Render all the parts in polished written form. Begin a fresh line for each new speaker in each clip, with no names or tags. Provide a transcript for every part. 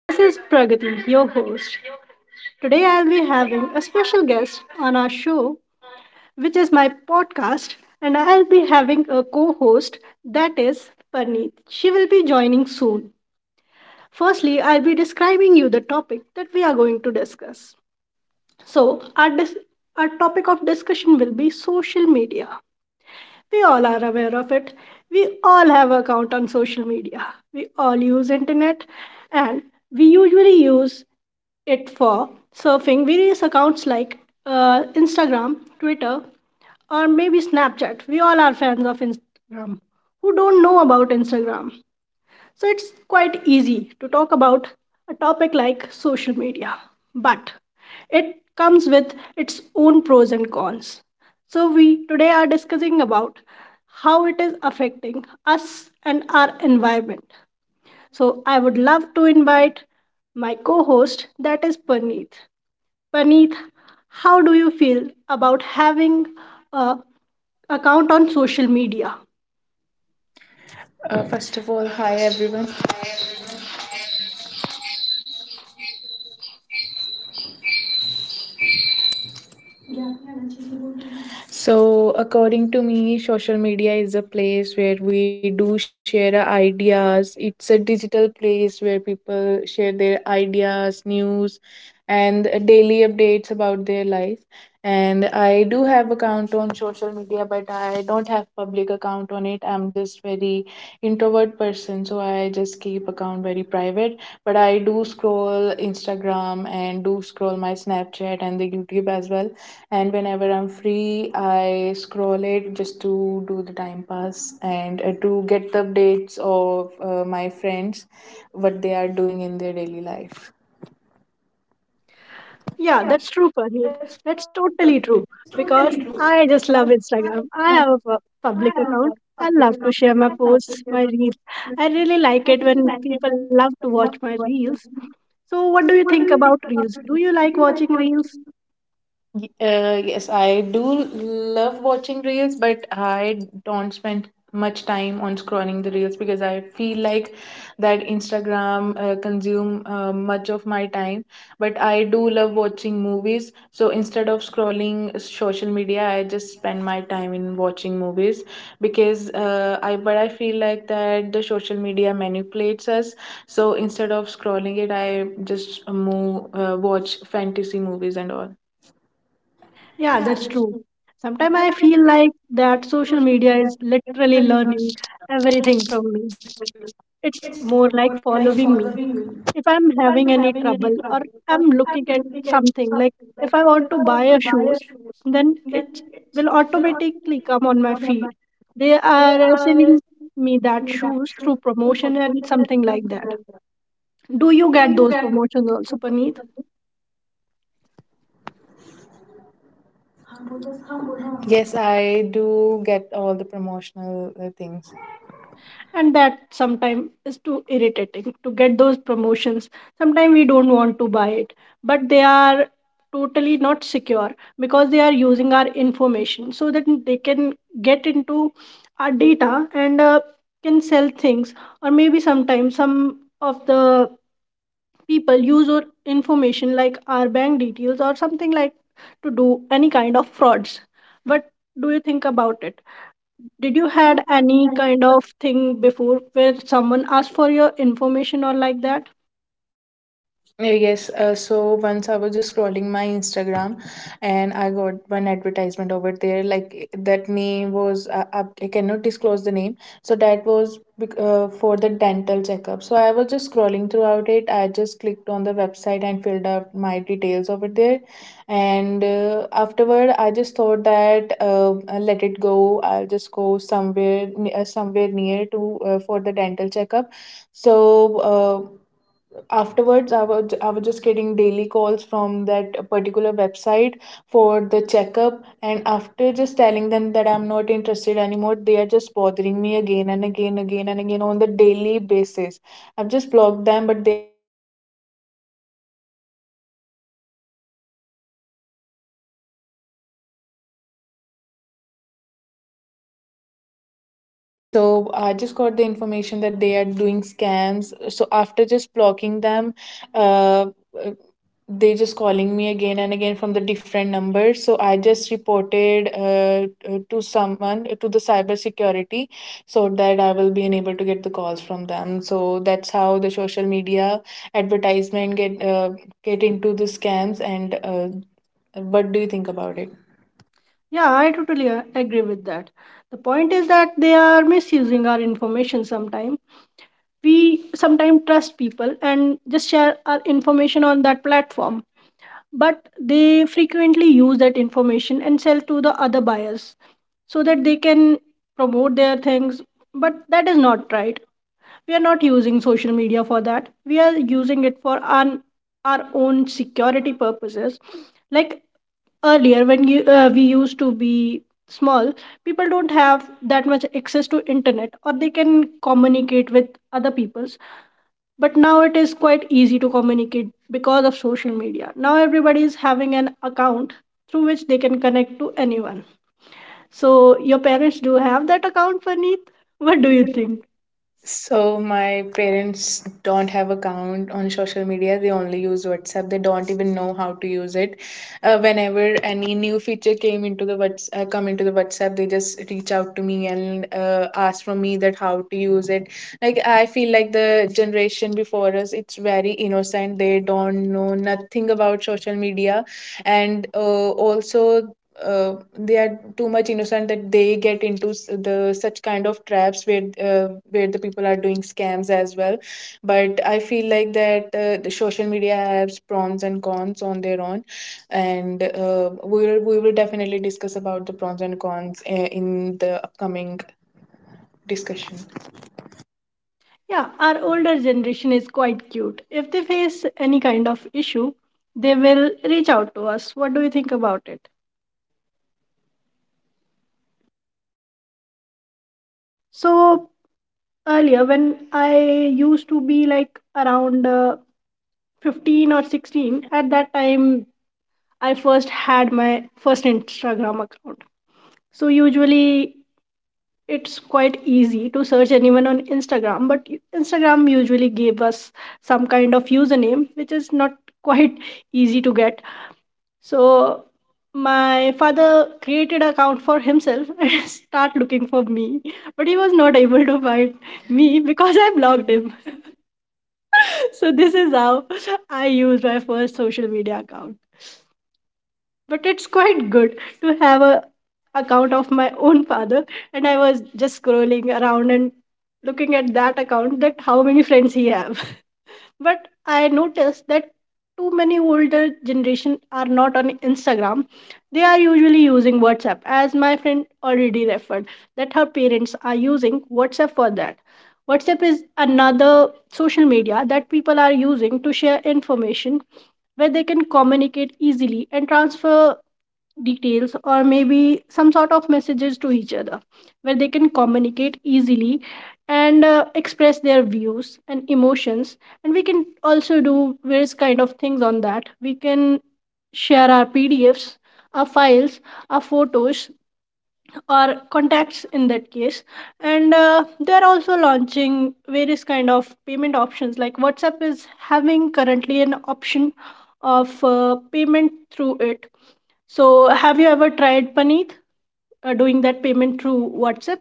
This is Pragati, your host. Today, I'll be having a special guest on our show, which is my podcast, and I'll be having a co host, that is Parneet. She will be joining soon. Firstly, I'll be describing you the topic that we are going to discuss. So, our, dis- our topic of discussion will be social media. We all are aware of it. We all have account on social media. We all use internet and we usually use it for surfing various accounts like Instagram, Twitter, or maybe Snapchat. We all are fans of Instagram. Who don't know about Instagram? So it's quite easy to talk about a topic like social media, but it comes with its own pros and cons. So we today are discussing about how it is affecting us and our environment. So I would love to invite my co-host that is Paneet. Paneet, how do you feel about having a account on social media?
First of all, hi everyone. So, according to me, social media is a place where we do share our ideas. It's a digital place where people share their ideas, news, and daily updates about their life. And I do have account on social media, but I don't have public account on it. I'm just very introvert person, so I just keep account very private, but I do scroll Instagram and do scroll my Snapchat and the YouTube as well. And whenever I'm free, I scroll it just to do the time pass and to get the updates of my friends, what they are doing in their daily life.
Yeah, that's true, Parneet. That's totally true because I just love Instagram. I have a public account. I love to share my posts, my reels. I really like it when people love to watch my reels. So, what do you think about reels? Do you like watching reels?
Yes, I do love watching reels, but I don't spend much time on scrolling the reels because I feel like that Instagram consume much of my time. But I do love watching movies, so instead of scrolling social media, I just spend my time in watching movies because I feel like that the social media manipulates us. So instead of scrolling it, I just move watch fantasy movies and all.
Yeah, that's true. Sometimes I feel like that social media is literally learning everything from me. It's more like following me. If I'm having any trouble or I'm looking at something, like if I want to buy a shoes, then it will automatically come on my feed. They are selling me that shoes through promotion and something like that. Do you get those promotions also, Pani?
Yes, I do get all the promotional things.
And that sometimes is too irritating to get those promotions, sometimes we don't want to buy it, but they are totally not secure because they are using our information so that they can get into our data and can sell things, or maybe sometimes some of the people use our information like our bank details or something like to do any kind of frauds. What do you think about it? Did you had any kind of thing before where someone asked for your information or like that?
Yes, so once I was just scrolling my Instagram and I got one advertisement over there. Like eh, that name was, I cannot disclose the name. So that was for the dental checkup. So I was just scrolling throughout it. I just clicked on the website and filled out my details over there. And afterward, I just thought that I'll let it go. I'll just go somewhere near to for the dental checkup. So afterwards I was just getting daily calls from that particular website for the checkup, and after just telling them that I'm not interested anymore, they are just bothering me again and again, again and again, on the daily basis. I've just blocked them, but they are just reaching out to me, so I just got the information that they are doing scams So I just got the information that they are doing scams. So after just blocking them, uh, uh, they just calling me again and again from the different numbers. So I just reported to someone to the cyber security so that I will be unable to get the calls from them. So that's how the social media advertisement get into the scams. And what do you think about it?
Yeah, I totally agree with that. The point is that they are misusing our information sometime. We sometimes trust people and just share our information on that platform, but they frequently use that information and sell to the other buyers so that they can promote their things. But that is not right, we are not using social media for that, we are using it for our own security purposes. Like earlier when we used to be small, people don't have that much access to internet or they can communicate with other peoples, but now it is quite easy to communicate because of social media. Now everybody is having an account through which they can connect to anyone. So your parents do have that account, Farneet? What do you think?
So my parents don't have account on social media. They only use WhatsApp. They don't even know how to use it. Whenever any new feature came into the Whats come into the WhatsApp, they just reach out to me and ask from me that how to use it. Like, I feel like the generation before us, it's very innocent. They don't know nothing about social media, and also they are too much innocent that they get into the such kind of traps where the people are doing scams as well. But I feel like that the social media has pros and cons on their own, and we will definitely discuss about the pros and cons in the upcoming discussion.
Yeah, our older generation is quite cute. If they face any kind of issue, they will reach out to us. What do you think about it? So, earlier when I used to be like around 15 or 16, at that time I first had my first Instagram account. So, usually it's quite easy to search anyone on Instagram, but Instagram usually gave us some kind of username, which is not quite easy to get. So my father created an account for himself and start looking for me, but he was not able to find me because I blocked him. So this is how I used my first social media account. But it's quite good to have a account of my own father, and I was just scrolling around and looking at that account that how many friends he have. But I noticed that too many older generation are not on Instagram. They are usually using WhatsApp, as my friend already referred that her parents are using WhatsApp for that. WhatsApp is another social media that people are using to share information, where they can communicate easily and transfer details or maybe some sort of messages to each other, where they can communicate easily and express their views and emotions. And we can also do various kind of things on that. We can share our PDFs, our files, our photos, our contacts in that case. And they're also launching various kind of payment options. Like WhatsApp is having currently an option of payment through it. So, have you ever tried, Paneet, doing that payment through WhatsApp?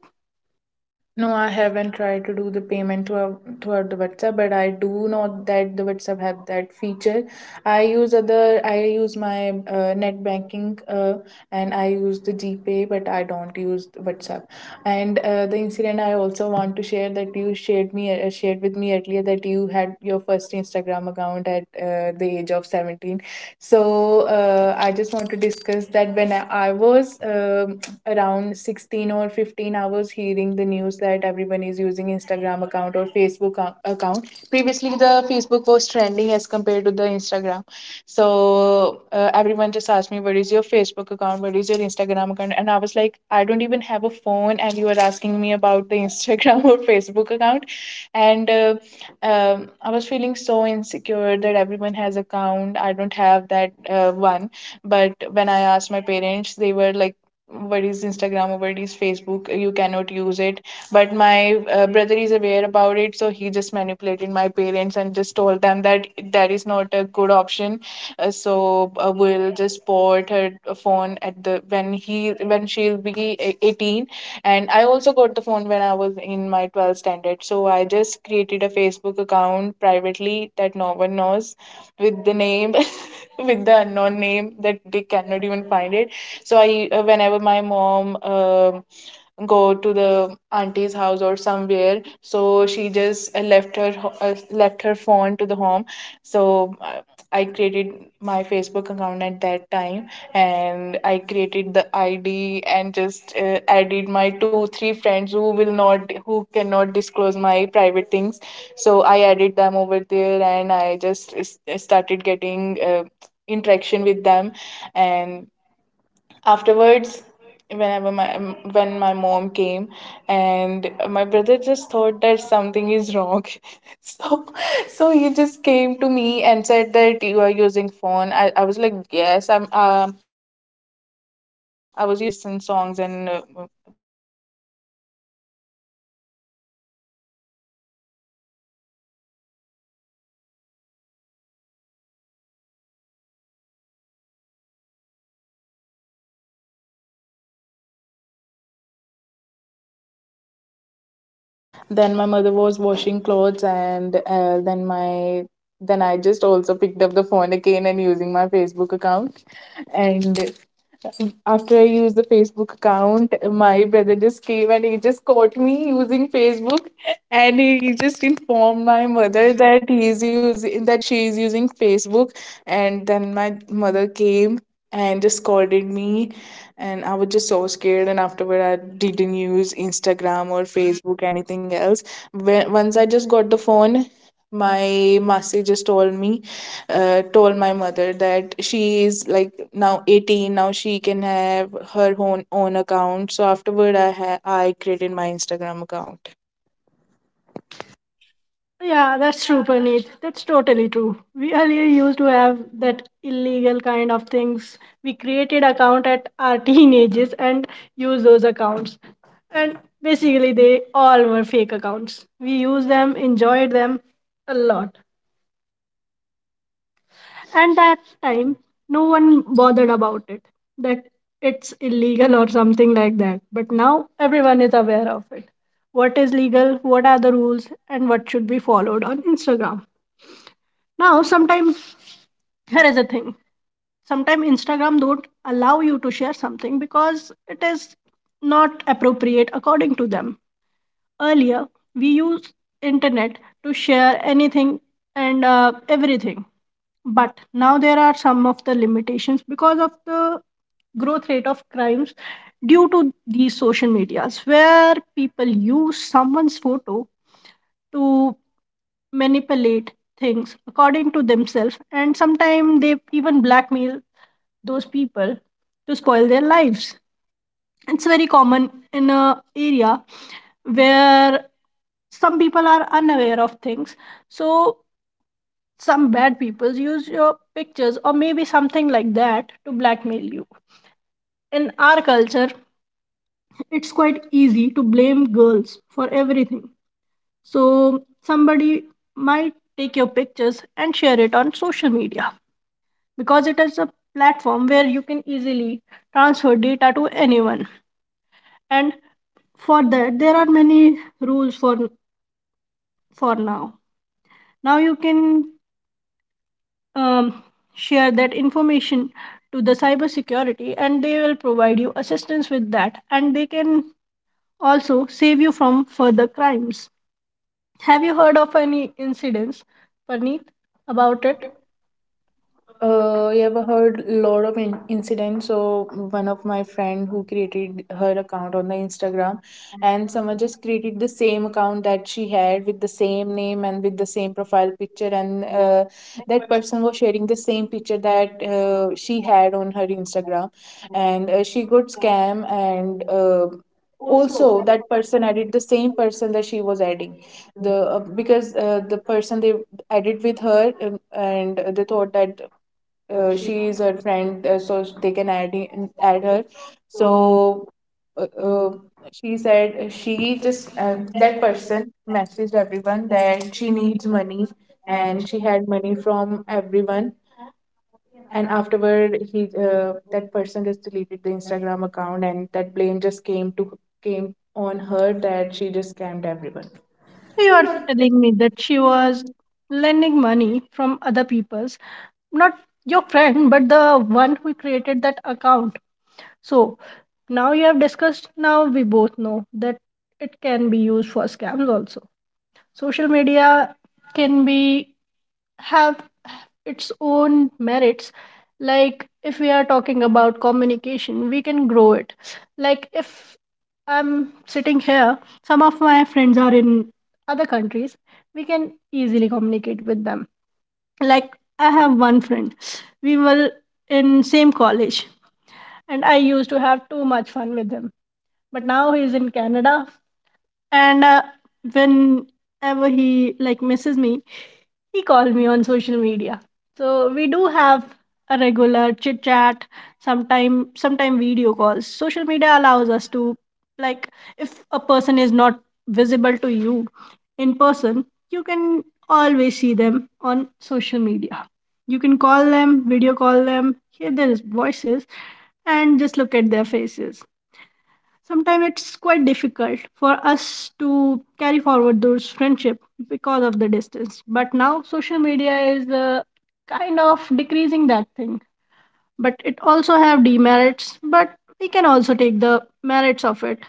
No, I haven't tried to do the payment throughout the WhatsApp, but I do know that the WhatsApp have that feature. I use my net banking, and I use the GPay, but I don't use the WhatsApp. And the incident I also want to share that you shared me shared with me earlier that you had your first Instagram account at the age of 17. So I just want to discuss that I was around 16 or 15 hours, hearing the news that everyone is using Instagram account or account. Previously the Facebook was trending as compared to the Instagram. So everyone just asked me, what is your Facebook account, what is your Instagram account? And I was like, I don't even have a phone and you are asking me about the Instagram or Facebook account. And I was feeling so insecure that everyone has account, I don't have that one. But when I asked my parents, they were like, what is Instagram or what is Facebook? You cannot use it. But my brother is aware about it, so he just manipulated my parents and just told them that that is not a good option. So we'll just port her phone at the when she'll be 18. And I also got the phone when I was in my 12th standard, so I just created a Facebook account privately that no one knows, with the name, with the unknown name that they cannot even find it. So I, whenever my mom go to the auntie's house or somewhere, so she just left her phone to the home. So I created my Facebook account at that time, and I created the ID and just added my 2, 3 friends who will not who cannot disclose my private things. So I added them over there, and I just started getting. Interaction with them. And afterwards, when my mom came, and my brother just thought that something is wrong. So, so he just came to me and said that you are using phone. I was like, yes, I was using phone just to listen songs, and I was doing something. And then he said okay. then my mother was then my mother was washing clothes Then my mother was washing clothes, and then I just also picked up the phone again and using my Facebook account, and after I used the Facebook account, my brother just came and he just caught me using Facebook, and he just informed my mother that he's using that she's using Facebook, and then my mother came and just scolded me, and I was just so scared. And afterward, I didn't use Instagram or Facebook anything else. When, once I just got the phone, my masi just told me, told my mother that she is like now 18, now she can have her own account. So afterward I created my Instagram account.
Yeah, that's true, Paneet. That's totally true. We earlier used to have that illegal kind of things. We created account at our teenagers and used those accounts. And basically, they all were fake accounts. We used them, enjoyed them a lot. And that time, no one bothered about it, that it's illegal or something like that. But now everyone is aware of it. What is legal, what are the rules, and what should be followed on Instagram. Now, sometimes, here is a thing, sometimes Instagram don't allow you to share something because it is not appropriate according to them. Earlier, we used internet to share anything and everything, but now there are some of the limitations because of the growth rate of crimes due to these social medias, where people use someone's photo to manipulate things according to themselves, and sometimes they even blackmail those people to spoil their lives. It's very common in a area where some people are unaware of things, so some bad people use your pictures or maybe something like that to blackmail you. In our culture, it's quite easy to blame girls for everything. So, somebody might take your pictures and share it on social media because it is a platform where you can easily transfer data to anyone. And for that, there are many rules for now. Now you can um, share that information to the cybersecurity and they will provide you assistance with that, and they can also save you from further crimes. Have you heard of any incidents, Parneet, about it?
You ever heard lot of incidents? So one of my friend who created her account on the Instagram, and someone just created the same account that she had with the same name and with the same profile picture, and that person was sharing the same picture that she had on her Instagram, and she got scam. And. Also that person added the same person that she was adding, the because the person they added with her, and they thought that
She
she is her friend, so they can add him, add her.
so
So uh,
um,
uh, she said, she just
that
that
person
person
message
messaged everyone
that
that
she
she
is
needs
studying
money,
and
and
she
she
has
had money from
been
everyone.
and
And
I'm
afterward he
very
that
grateful
person just deleted the
for that.
Instagram account, and that blame just came on her that she just scammed everyone.
You are telling me that she was lending money from other people's, not your friend, but the one who created that account. So now you have discussed, now we both know that it can be used for scams also. Social media can be have its own merits. Like if we are talking about communication, we can grow it. Like if I'm sitting here, some of my friends are in other countries, we can easily communicate with them. Like I have one friend, we were in same college and I used to have too much fun with him, but now he's in Canada. And whenever he like misses me, he called me on social media. So we do have a regular chit chat, sometime video calls. Social media allows us to, like, if a person is not visible to you in person, you can always see them on social media. You can call them, video call them, hear their voices and just look at their faces. Sometimes it's quite difficult for us to carry forward those friendship because of the distance, but now social media is kind of decreasing that thing. But it also have demerits, but we can also take the merits of it.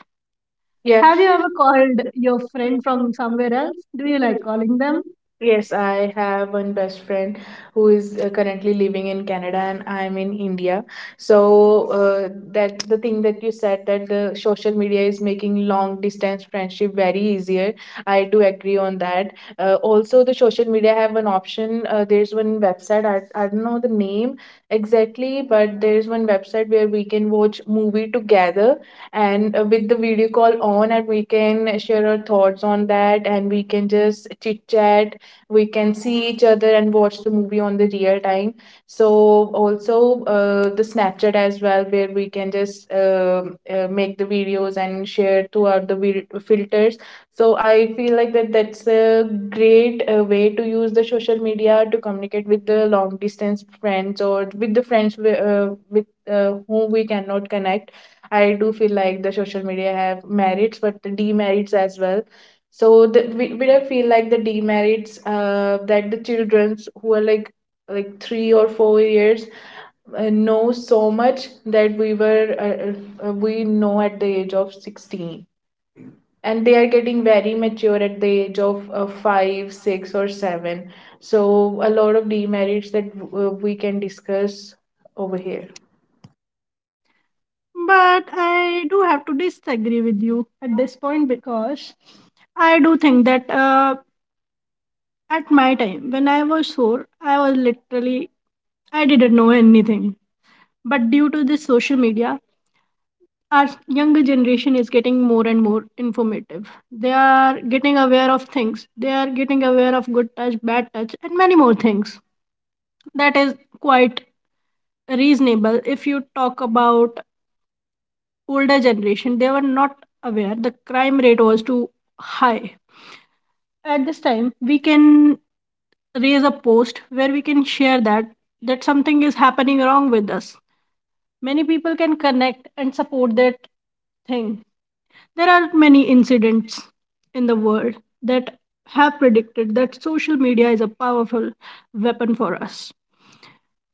Yeah.
Yeah.
Have you ever called your friend from somewhere else? Do you like calling them? Yes,
Yes,
I do.
I have one best friend who is currently living in Canada and I'm in India. So that the thing that you said that the social media is making long distance friendship very easier, I do agree on that. Also, the social media have an option. There's one website I don't know the name exactly, but there's one website where we can watch movie together and with the video call on, and we can share our thoughts on that, and we can just chit chat we Can see each other and watch the movie on the real time. So also, the snapchat as well, where we can just make the videos and share throughout the filters. So I feel like that's a great way to use the social media to communicate with the long distance friends, or with the friends with, whom we cannot connect. I do feel like the social media have merits but the demerits as well. So we don't feel like the demerits, that the childrens who are like 3 or 4 years know so much that we know at the age of 16, and they are getting very mature at the age of 5 6 or 7. So a lot of demerits that we can discuss over here.
But I do have to disagree with you at this point because I do think that at my time, when I was four, I was literally, I didn't know anything. But due to this social media, our younger generation is getting more and more informative. They are getting aware of things. They are getting aware of good touch, bad touch, and many more things. That is quite reasonable. If you talk about older generation, they were not aware. The crime rate was too high. At this time, we can raise a post where we can share that that something is happening wrong with us. Many people can connect and support that thing. There are many incidents in the world that have predicted that social media is a powerful weapon for us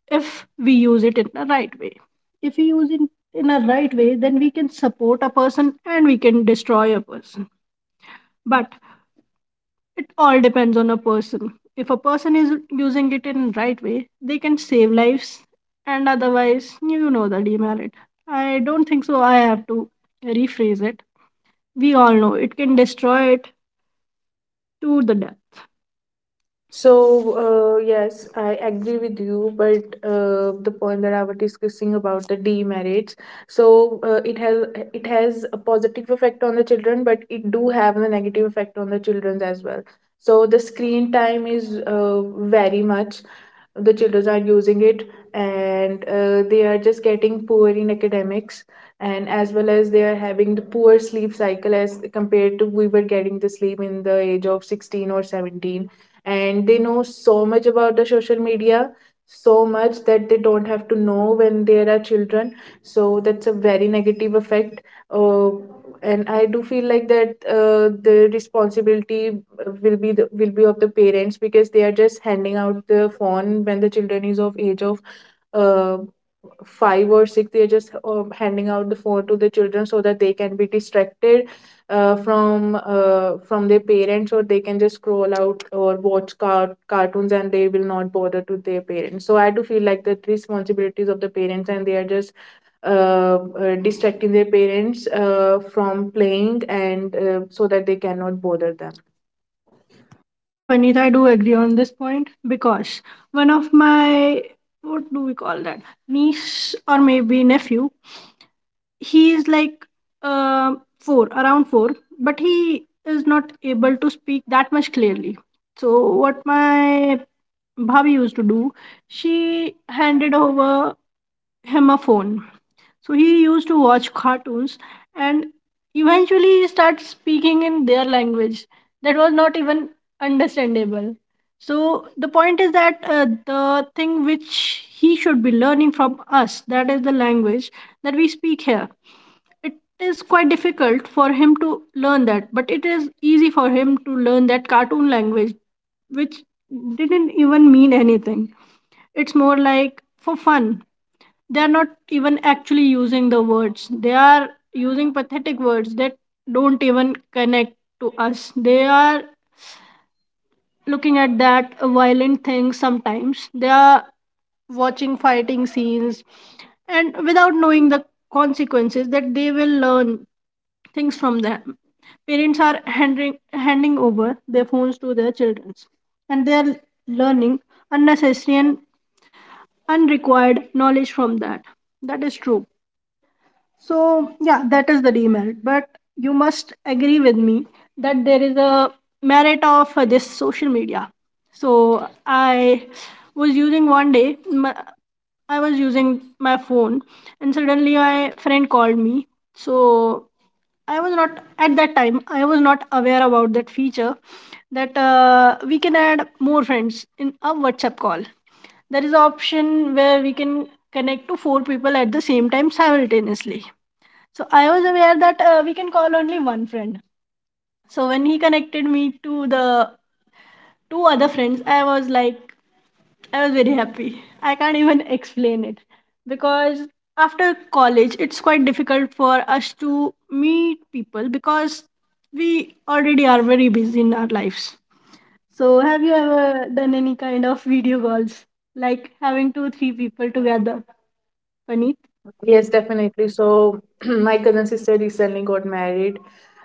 if we use it in the right way. If we use it in a right way, then we can support a person and we can destroy a person. But it all depends on a person. If a person is using it in right way, they can save lives, and otherwise you know the demerit. I don't think so I have to rephrase it. We all know it can destroy it to the death. So
So, yes, I agree with you, but the point that I was discussing about the demerits, so it has a positive effect on the children, but it do have a negative effect on the children as well. So the screen time is very much. The children are using it, and they are just getting poor in academics, and as well as they are having the poor sleep cycle as compared to we were getting the sleep in the age of 16 or 17. And they know so much about the social media, so much that they don't have to know when they are children. So that's a very negative effect. uh, and I do feel like that the responsibility will be of the parents, because they are just handing out the phone when the children is of age of uh, 5 or 6. They are just handing out the phone to the children so that they can be distracted, from their parents, or they can just scroll out or watch cartoons, and they will not bother to their parents. So I do feel like the responsibilities of the parents, and they are just distracting their parents from playing, and so that they cannot bother them.
yeah, Panita, I do agree on this point because one of my, what do we call that? Niece or maybe nephew. He is like four, around four, but he is not able to speak that much clearly. So what my bhabi used to do, she handed over him a phone, so he used to watch cartoons. And eventually he started speaking in their language that was not even understandable. So the point is that the thing which he should be learning from us, that is the language that we speak here, it is quite difficult for him to learn that, but it is easy for him to learn that cartoon language, which didn't even mean anything. It's more like for fun. They are not even actually using the words. They are using pathetic words that don't even connect to us. They are looking at that violent thing. Sometimes they are watching fighting scenes and without knowing the consequences that they will learn things from them. Parents are handing over their phones to their children, and they are learning unnecessary and unrequired knowledge from that. That is true. So yeah, that is the demerit. But you must agree with me that there is a merit of this social media. So I was using one day, I was using my phone, and suddenly my friend called me. So I was not at that time. I was not aware about that feature that we can add more friends in a WhatsApp call. There is an option where we can connect to four people at the same time simultaneously. So I was aware that we can call only one friend. So when he connected me to the two other friends, I was like, I was very happy. I can't even explain it because after college, it's quite difficult for us to meet people because we already are very busy in our lives. So, have you ever done any kind of video calls, like having two, three people together? Puneet,
Yes, definitely. So my cousin sister recently got married,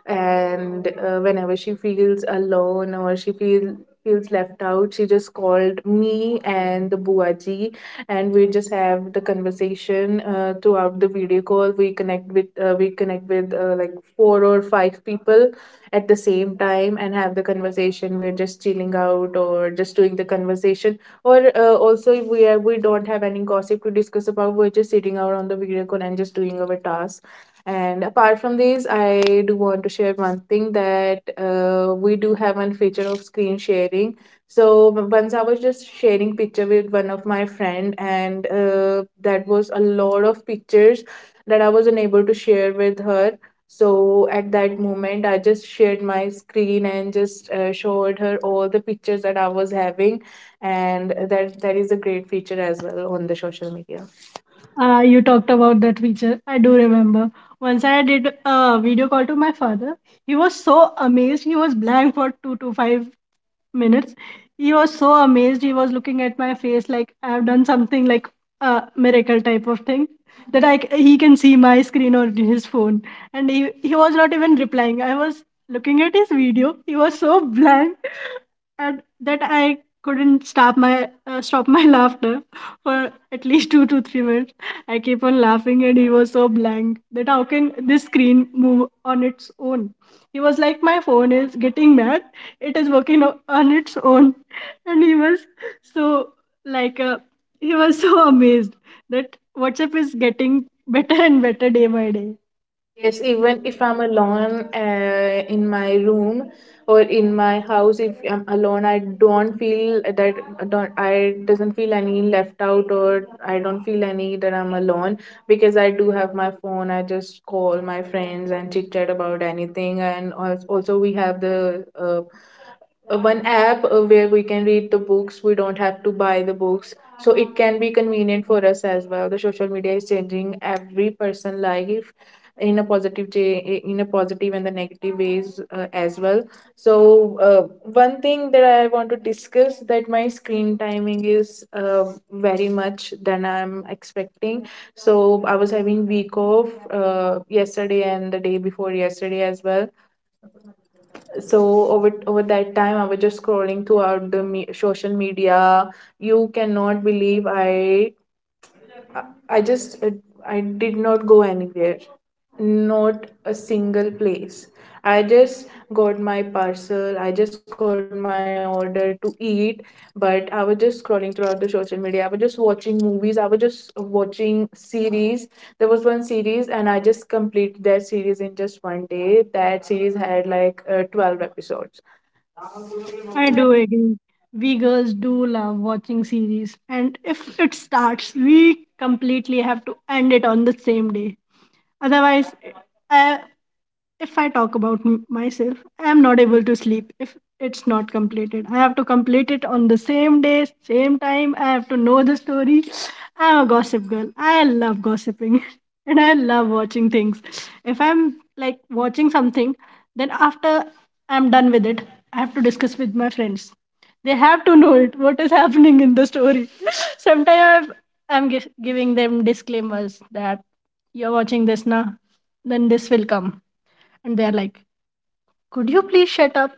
and whenever she feels alone or she feels left out, she just called me and the buaji, and we just have the conversation throughout the video call. We connect with like four or five people at the same time and have the conversation. We're just chilling out or just doing the conversation, or also if we don't have any gossip to discuss about, we're just sitting out on the video call and just doing our tasks. And apart from these, I do want to share one thing, that we do have one feature of screen sharing. So once I was just sharing picture with one of my friend, and that was a lot of pictures that I was unable to share with her. So at that moment I just shared my screen and just showed her all the pictures that I was having. And that is a great feature as well on the social media.
you talked about that feature. I do remember. Once I did a video call to my father. He was so amazed. He was blank for 2 to 5 minutes. He was so amazed. He was looking at my face like I've done something like a miracle type of thing that he can see my screen on his phone. And he was not even replying. I was looking at his video. He was so blank and that I couldn't stop my laughter for at least 2 to 3 minutes. I keep on laughing and he was so blank that how can this screen move on its own? He was like, my phone is getting mad, it is working on its own. And he was so like, he was so amazed that WhatsApp is getting better and better day by day.
Yes, even if I'm alone, in my room or in my house, if I'm alone I don't feel that. I doesn't feel any left out, or I don't feel any that I'm alone, because I do have my phone. I just call my friends and chit chat about anything. And also, we have the one app where we can read the books. We don't have to buy the books. So it can be convenient for us as well. The social media is changing every person life in a in a positive and the negative ways as well. So one thing that I want to discuss, that my screen timing is very much than I'm expecting. So I was having week off yesterday and the day before yesterday as well. So over that time I was just scrolling throughout the social media. You cannot believe, i just uh, I did not go anywhere, not a single place. I just got my parcel, I just got my order to eat, but I was just scrolling throughout the social media. I was just watching movies, I was just watching series. There was one series and I just completed that series in just one day. That series had like 12 episodes.
I do agree, we girls do love watching series, and if it starts, we completely have to end it on the same day. Otherwise, I, if I talk about myself, I am not able to sleep if it's not completed. I have to complete it on the same day, same time. I have to know the story. I'm a gossip girl. I love gossiping and I love watching things. If I'm like watching something, then after I'm done with it, I have to discuss with my friends. They have to know it, what is happening in the story. Sometimes I'm giving them disclaimers that you're watching this now, then this will come. And they're like, could you please shut up?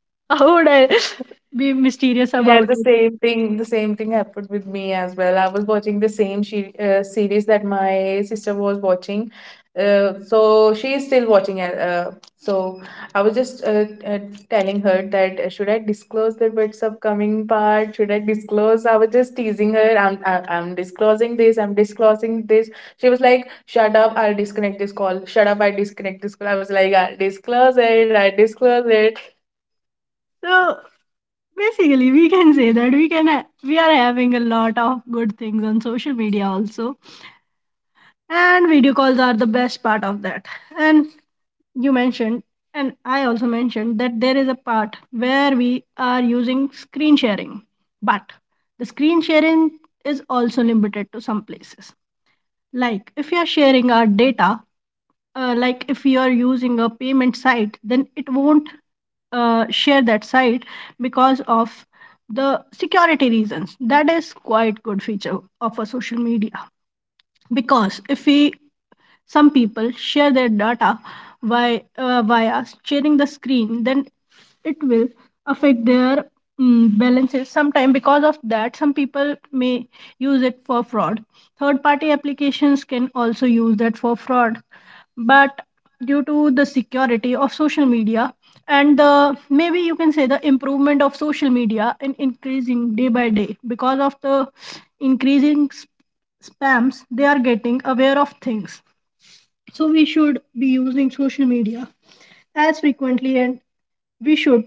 How would I be mysterious
Yeah,
about
the
it?
same thing. The same thing happened with me as well. I was watching the same series that my sister was watching. So she is still watching it. So I was just telling her that, should I disclose the what's upcoming part? Should I disclose? I was just teasing her. I'm disclosing this. I'm disclosing this. She was like, "Shut up! I'll disconnect this call. Shut up! I disconnect this call." I was like, "I'll disclose it. I'll disclose it."
So basically, we can say that we are having a lot of good things on social media also, and video calls are the best part of that. And you mentioned, and I also mentioned that there is a part where we are using screen sharing, but the screen sharing is also limited to some places. Like if you are sharing our data, like if you are using a payment site, then it won't share that site because of the security reasons. That is quite good feature of a social media, because if we, some people share their data via, via sharing the screen, then it will affect their, mm, balances sometime. Because of that, some people may use it for fraud, third party applications can also use that for fraud. But due to the security of social media, and the maybe you can say the improvement of social media in increasing day by day because of the increasing spams, they are getting aware of things. So we should be using social media as frequently, and we should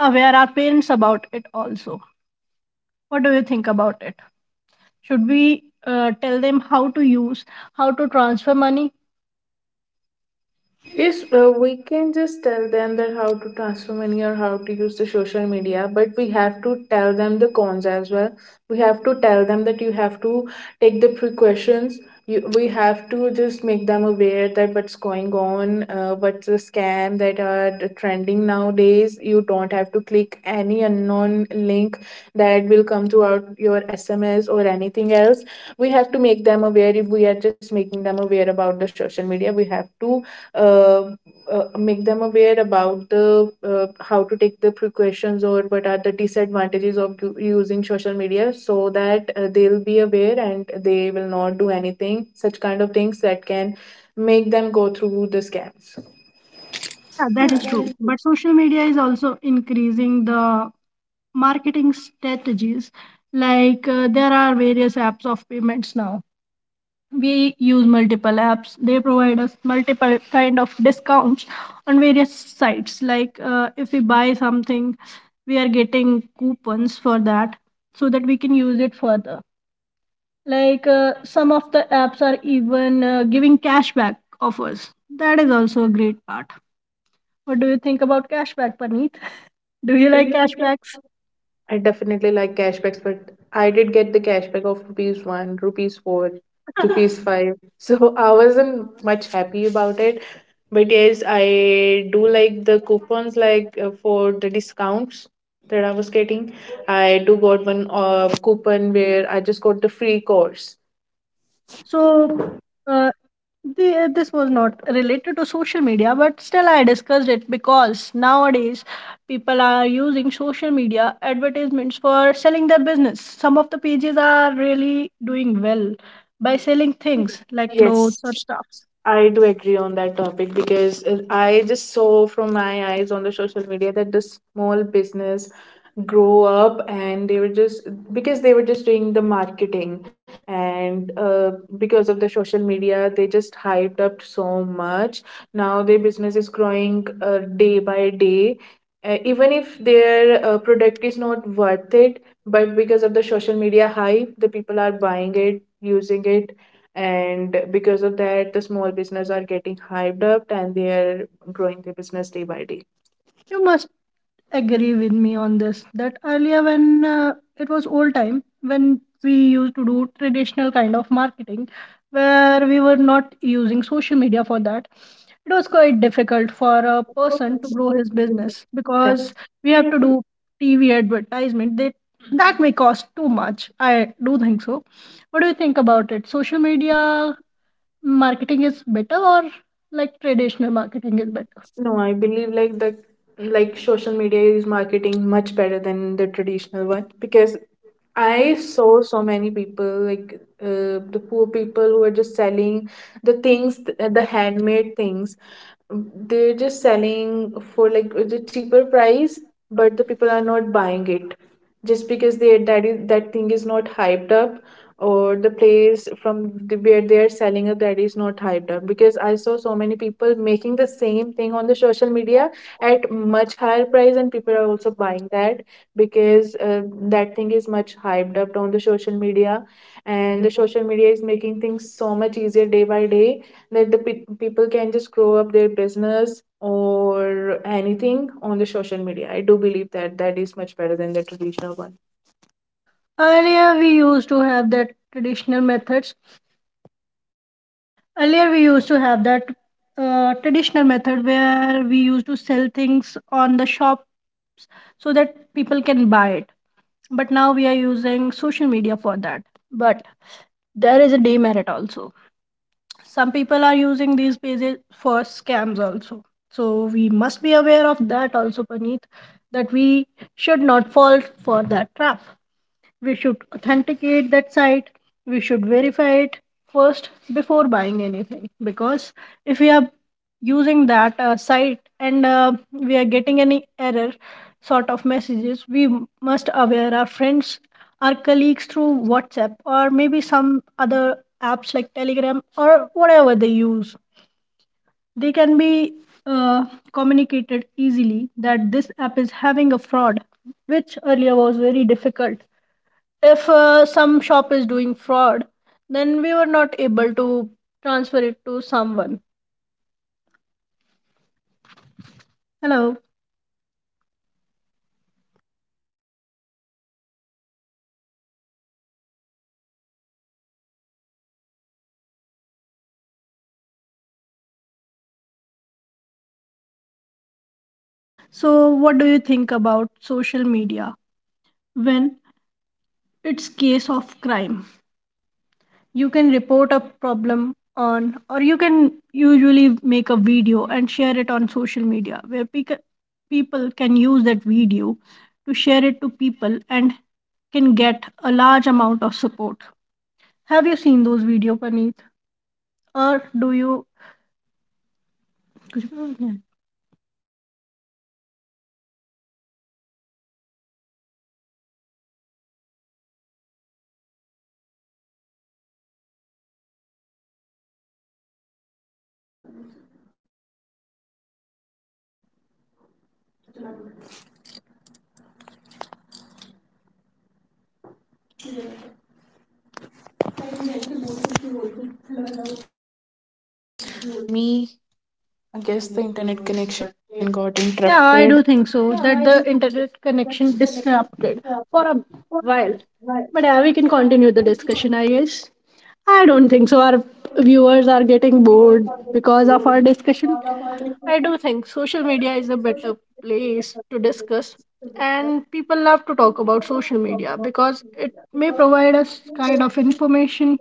aware our parents about it also. What do you think about it? Should we tell them how to use, how to transfer money?
Yes, we can just tell them that how to transfer money or how to use the social media, but we have to tell them the cons as well. Have to tell them that you have to take the precautions. We have to just make them aware that what's going on, what's the scam that are the trending nowadays. You don't have to click any unknown link that will come throughout your SMS or anything else. We have to make them aware. If we are just making them aware about the social media, we have to uh, make them aware about the, how to take the precautions, or what are the disadvantages of using social media, so that they'll be aware and they will not do anything such kind of things that can make them go through the scams.
Yeah, that is true. But social media is also increasing the marketing strategies. Like there are various apps of payments now. We use multiple apps, they provide us multiple kind of discounts on various sites. Like if we buy something, we are getting coupons for that, so that we can use it further. Like some of the apps are even giving cashback offers. That is also a great part. What do you think about cashback, Paneet? Do you like cashbacks?
I definitely like cashbacks, but I did get the cashback of rupees one, rupees four, rupees five. So I wasn't much happy about it. But yes, I do like the coupons, like for the discounts that I was getting. I do got one coupon where I just got the free course.
So uh, the, this was not related to social media, but still I discussed it, because nowadays people are using social media advertisements for selling their business. Some of the pages are really doing well by selling things like, yes, clothes
Yes,
or stuffs.
I do agree on that topic because I just saw from my eyes on the social media that the small business grow up, and they were just, because they were just doing the marketing, and because of the social media they just hyped up so much. Now their business is growing day by day. Even if their product is not worth it, but because of the social media hype, the people are buying it, using it. And because of that, the small business are getting hyped up and they are growing their business day by day.
You must agree with me on this that earlier, when it was old time, when we used to do traditional kind of marketing where we were not using social media for that, it was quite difficult for a person to grow his business, because we have to do TV advertisement, that that may cost too much, I do think so. What do you think about it? Social media marketing is better, or like traditional marketing is better?
No, I believe like the like social media is marketing much better than the traditional one, because I saw so many people like the poor people who are just selling the
These are languages
things, the handmade things. They're
that
just
include
selling for like the cheaper
Singaporean
price,
or
but the people
digital
are not buying
languages,
it, just
which is
because they
local,
that is, that thing is not hyped up, or
or the
the
language of the region,
place
or
from
the
where
language
they are
of
selling it, that is not hyped up. Because I saw so many people making
the
the same thing on the social
region,
media
or
at
much
much
higher
higher
than
price,
the
and people are
language of
also buying
Pakistan,
that,
where
because that
language
thing
is
is
much
much
higher
hyped
than the
up on the
language
social
of India,
media.
and
And
the
the social
language
media
of,
is making things so much easier day by day, that the people can just grow up their business or anything on the social media. I do believe that that is much better than the traditional one.
earlier we used to have that traditional methods. Earlier, we used to have that traditional method where we used to sell things on the shop so that people can buy it. But now we are using social media for that. But there is a demerit also. Some people are using these pages for scams also. So we must be aware of that also, Paneet, that we should not fall for that trap. We should authenticate that site. We should verify it first before buying anything. Because if we are using that site, and we are getting any error sort of messages, we must aware our friends, our colleagues through WhatsApp or maybe some other apps like Telegram or whatever they use. They can be uh, communicated easily that this app is having a fraud, which earlier was very difficult. If some shop is doing fraud, then we were not able to transfer it to someone. Hello? So what do you think about social media when it's case of crime? You can report a problem on, or you can usually make a video and share it on social media, where people can use that video to share it to people, and can get a large amount of support. Have you seen those video, Paneet, or do you?
Uh, so yes, I've saw so many videos on the Instagram, on the social media as well. Hello, are you able to hear me? I guess the internet connection got interrupted.
Yeah, I do think so, that the internet connection disrupted for a while. But yeah, we can continue the discussion, I guess. I don't think so our viewers are getting bored because of our discussion. I do think social media is a better place to discuss. And people love to talk about social media because it may provide us kind of information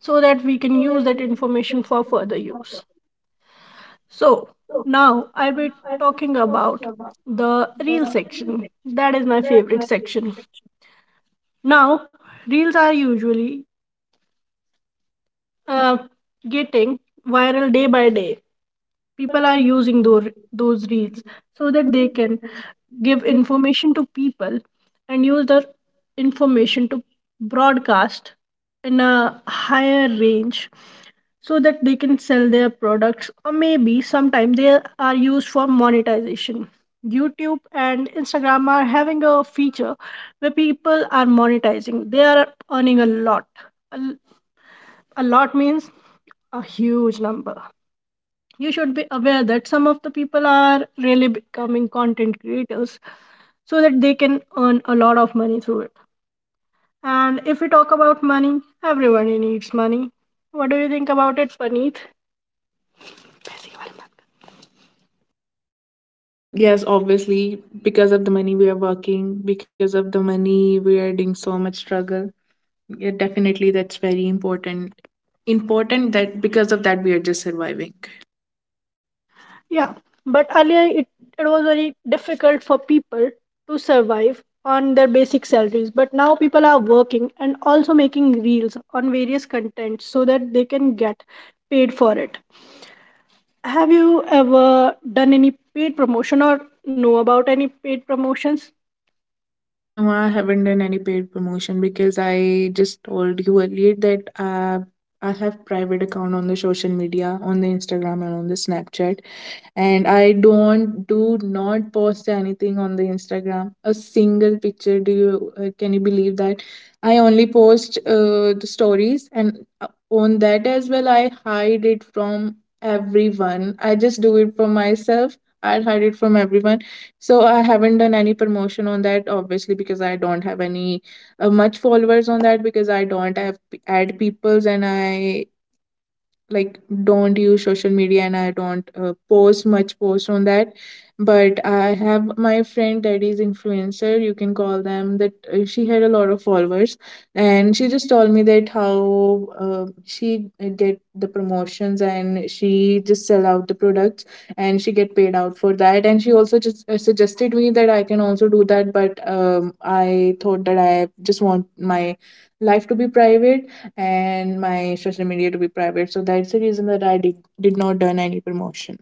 so that we can use that information for further use. So now I'll be talking about the reel section. That is my favorite section. Now, reels are usually uh, getting viral day by day. People are using those reels so that they can give information to people and use the information to broadcast in a higher range, so that they can sell their products, or maybe sometimes they are used for monetization. YouTube and Instagram are having a feature where people are monetizing. They are earning a lot, a, a lot means a huge number. You should be aware that some of the people are really becoming content creators, so that they can earn a lot of money through it. And if we talk about money, everyone needs money. What do you think about it, Paneet?
Yes, obviously, because of the money we are working, because of the money we are doing so much struggle. Yeah, definitely, that's very important. Important that because of that we are just surviving.
Yeah, but earlier it was very difficult for people to survive on their basic salaries. But now people are working and also making reels on various contents so that they can get paid for it. Have you ever done any paid promotion or know about any paid promotions?
No, I haven't done any paid promotion, because I just told you earlier that I have private account on the social media, on the Instagram and on the Snapchat. And I don't, do not post anything on the Instagram. A single picture. Do you can you believe that? I only post the stories, and on that as well, I hide it from everyone. I just do it for myself. I hide it from everyone. So I haven't done any promotion on that, obviously, because I don't have any much followers on that, because I don't have add peoples, and I like don't use social media, and I don't post much post on that. But I have my friend that is influencer, you can call them that, she had a lot of followers. And she just told me that how, she get the promotions, and she just sell out the products, and she get paid out for that. And she also just suggested me that I can also do that, but I thought that I just want my life to be private, and my social media to be private. So that's the reason that I did not done any promotion.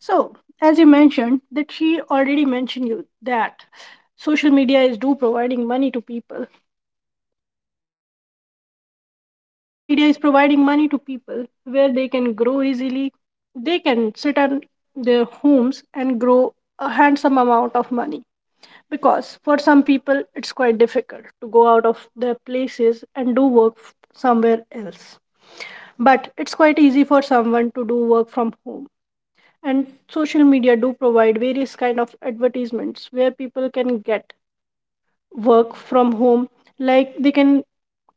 So, as you mentioned, that she already mentioned you that social media is do providing money to people. Social media is providing money to people where they can grow easily. They can sit on their homes and grow a handsome amount of money, because for some people it's quite difficult to go out of their places and do work somewhere else. But it's quite easy for someone to do work from home. And social media do provide various kind of advertisements where people can get work from home. Like they can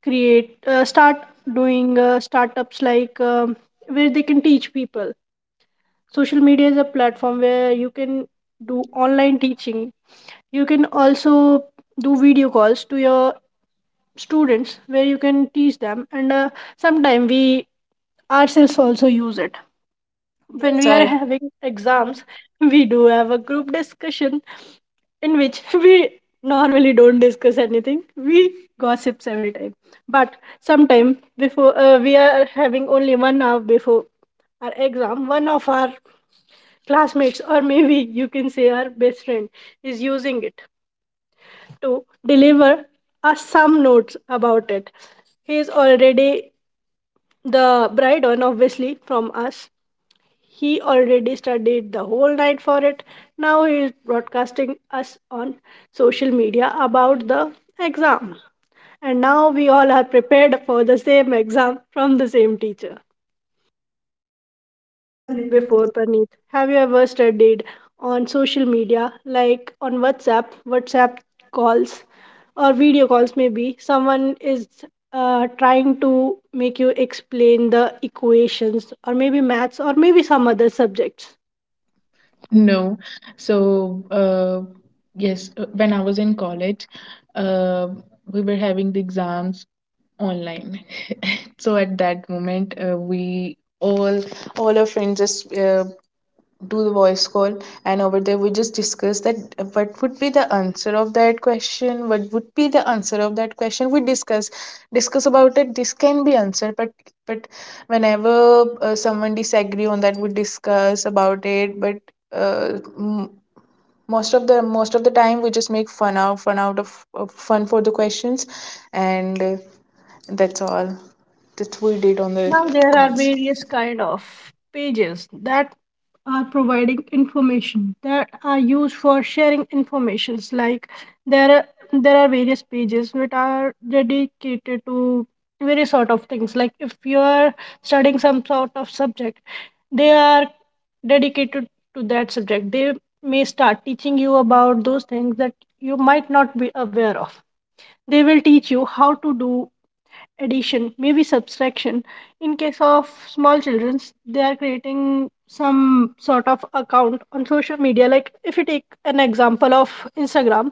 create, start doing startups like, where they can teach people. Social media is a platform where you can do online teaching. You can also do video calls to your students where you can teach them. And sometime we ourselves also use it when
Yes,
we are
I
having exams. We do have a group discussion in which we normally don't discuss anything, we gossips every time, but sometime before, we are having only 1 hour before our exam, one of our classmates, or maybe you can say our best friend, is using it to deliver us some notes about it. He is already the bride one, obviously, from us. He already studied the whole night for it. Now he is broadcasting us on social media about the exam. And now we all are prepared for the same exam from the same teacher. Have you done it before, Praneeth? Have you ever studied on social media, like on WhatsApp, WhatsApp calls, or video calls? Maybe someone is trying to make you explain the equations, or maybe maths, or maybe some other subjects.
know. So, yes, when I was in college, uh, we were having the exams online. So at that moment, we all our friends just to the voice call, and over there we just discussed that what would be the answer of that question what would be the answer of that question we discuss Discuss about it. This can be answered, but whenever someone disagree on that, we discuss about it, but uh, m- most of the time we just make fun out of fun for the questions, and that's all that's we did on the
Now there are various kind of pages that are providing information, that are used for sharing informations. Like there are various pages which are dedicated to various sort of things. Like if you are studying some sort of subject, they are dedicated to that subject. They may start teaching you about those things that you might not be aware of. They will teach you how to do addition, maybe subtraction. In case of small children, they are creating some sort of account on social media. Like if you take an example of Instagram,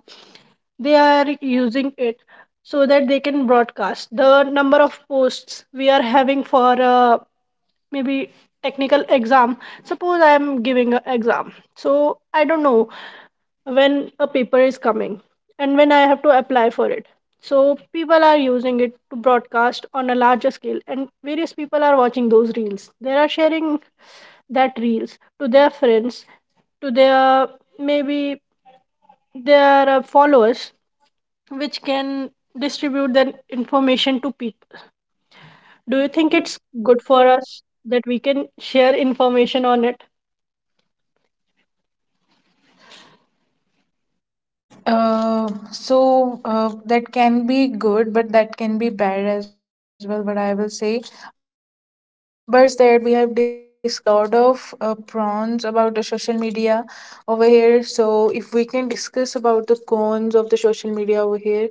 they are using it so that they can broadcast the number of posts we are having for, maybe, technical exam. Suppose I am giving an exam, so I don't know when a paper is coming and when I have to apply for it. So people are using it to broadcast on a larger scale, and various people are watching those reels. They are sharing that reels to their friends, to their, maybe, their followers, which can distribute that information to people. Do you think it's good for
calls.
us that we can share information on it?
That can be good, but that can be bad as well. But I will say, but Pragati, I would like to discuss that we have discussed a lot of prawns about the social media over here. So if we can discuss about the cons of the social media over here,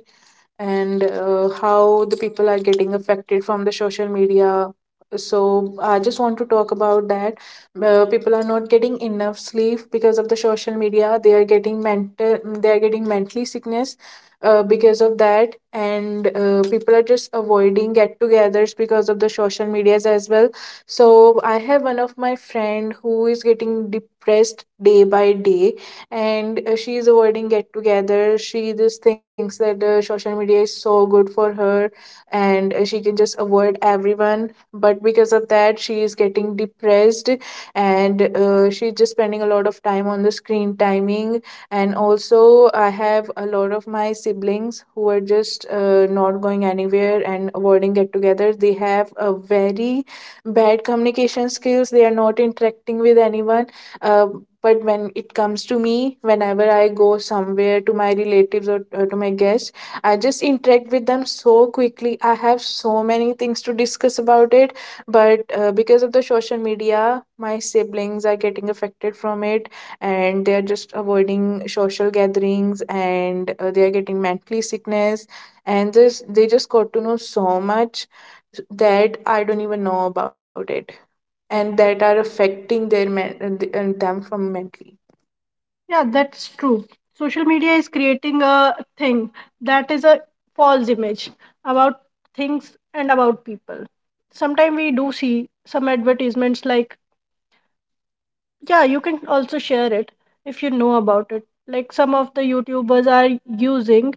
and how the people are getting affected from the social media. So I just want to talk about that. People are not getting enough sleep because of the social media. They are getting mentally sickness because of that, and people are just avoiding get-togethers because of the social medias as well. So I have one of my friend who is getting depressed day by day, and she is avoiding get together. She just thinks that social media is so good for her, and she can just avoid everyone, but because of that she is getting depressed, and she's just spending a lot of time on the screen timing. And also I have a lot of my siblings who are just not going anywhere and avoiding get together. They have a very bad communication skills. They are not interacting with anyone. uh, but when it comes to me, whenever I go somewhere to my relatives or to my guests, I just interact with them so quickly. I have so many things to discuss about it, but because of the social media, my siblings are getting affected from it, and they are just avoiding social gatherings, and they are getting mentally sickness, and just they just got to know so much that I don't even know about it, and that are affecting their men- and them from mentally.
Yeah, that's true. Social media is creating a thing that is a false image about things and about people. Sometimes we do see some advertisements like, yeah, you can also share it if you know about it. Like some of the YouTubers are using,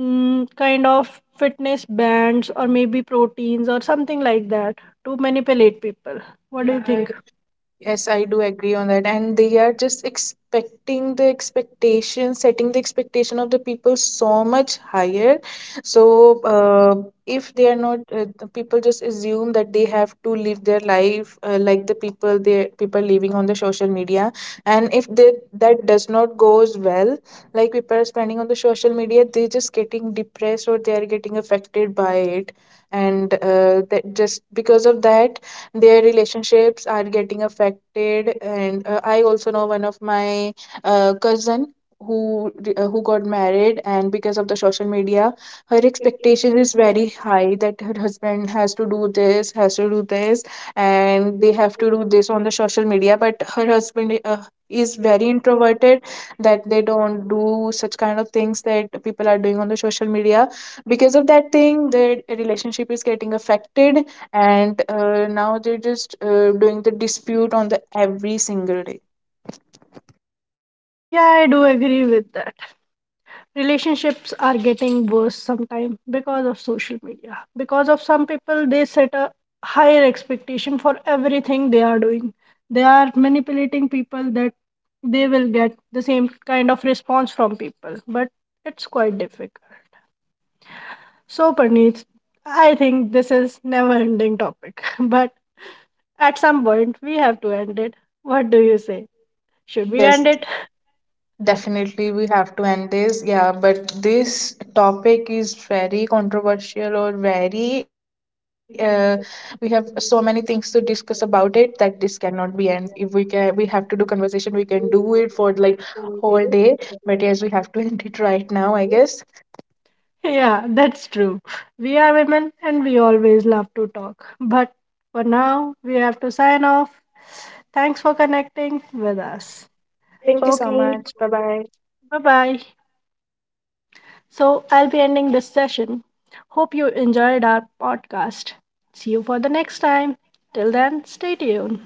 kind of, fitness bands or maybe proteins or something like that to manipulate people. What do you
Yeah, I
think?
Yes, I do agree on that. And they are just setting the expectation of the people so much higher. So, if they are not, the people just assume that they have to live their life like the people living on the social media. And if they, that does not goes well, like people are spending on the social media, they just getting depressed or they are getting affected by it. And that just because of that their relationships are getting affected, and I also know one of my cousin who who got married, and because of the social media, her expectation is very high that her husband has to do this has to do this, and they have to do this on the social media, but her husband is very introverted, that they don't do such kind of things that people are doing on the social media. Because of that thing, their relationship is getting affected, and now they're just doing the dispute on the every single day.
Yeah, I do agree with that. Relationships are getting worse sometimes because of social media, because of some people. They set a higher expectation for everything they are doing. They are manipulating people that they will get the same kind of response from people, but it's quite difficult. So Parneet, I think this is never ending topic, but at some point we have to end it. What do you say, should we
Yes,
end it?
definitely we have to end this. Yeah, but this topic is very controversial or very we have so many things to discuss about it, that this cannot be end. If we can, we have to do conversation, we can do it for like whole day. But yes, we have to end it right now, I guess.
Yeah, that's true. We are women and we always love to talk. But for now, we have to sign off. Thanks for connecting with us.
Thank you so
Okay,
much. Bye bye.
bye bye. So I'll be ending this session. Hope you enjoyed our podcast. See you for the next time. Till then, stay tuned.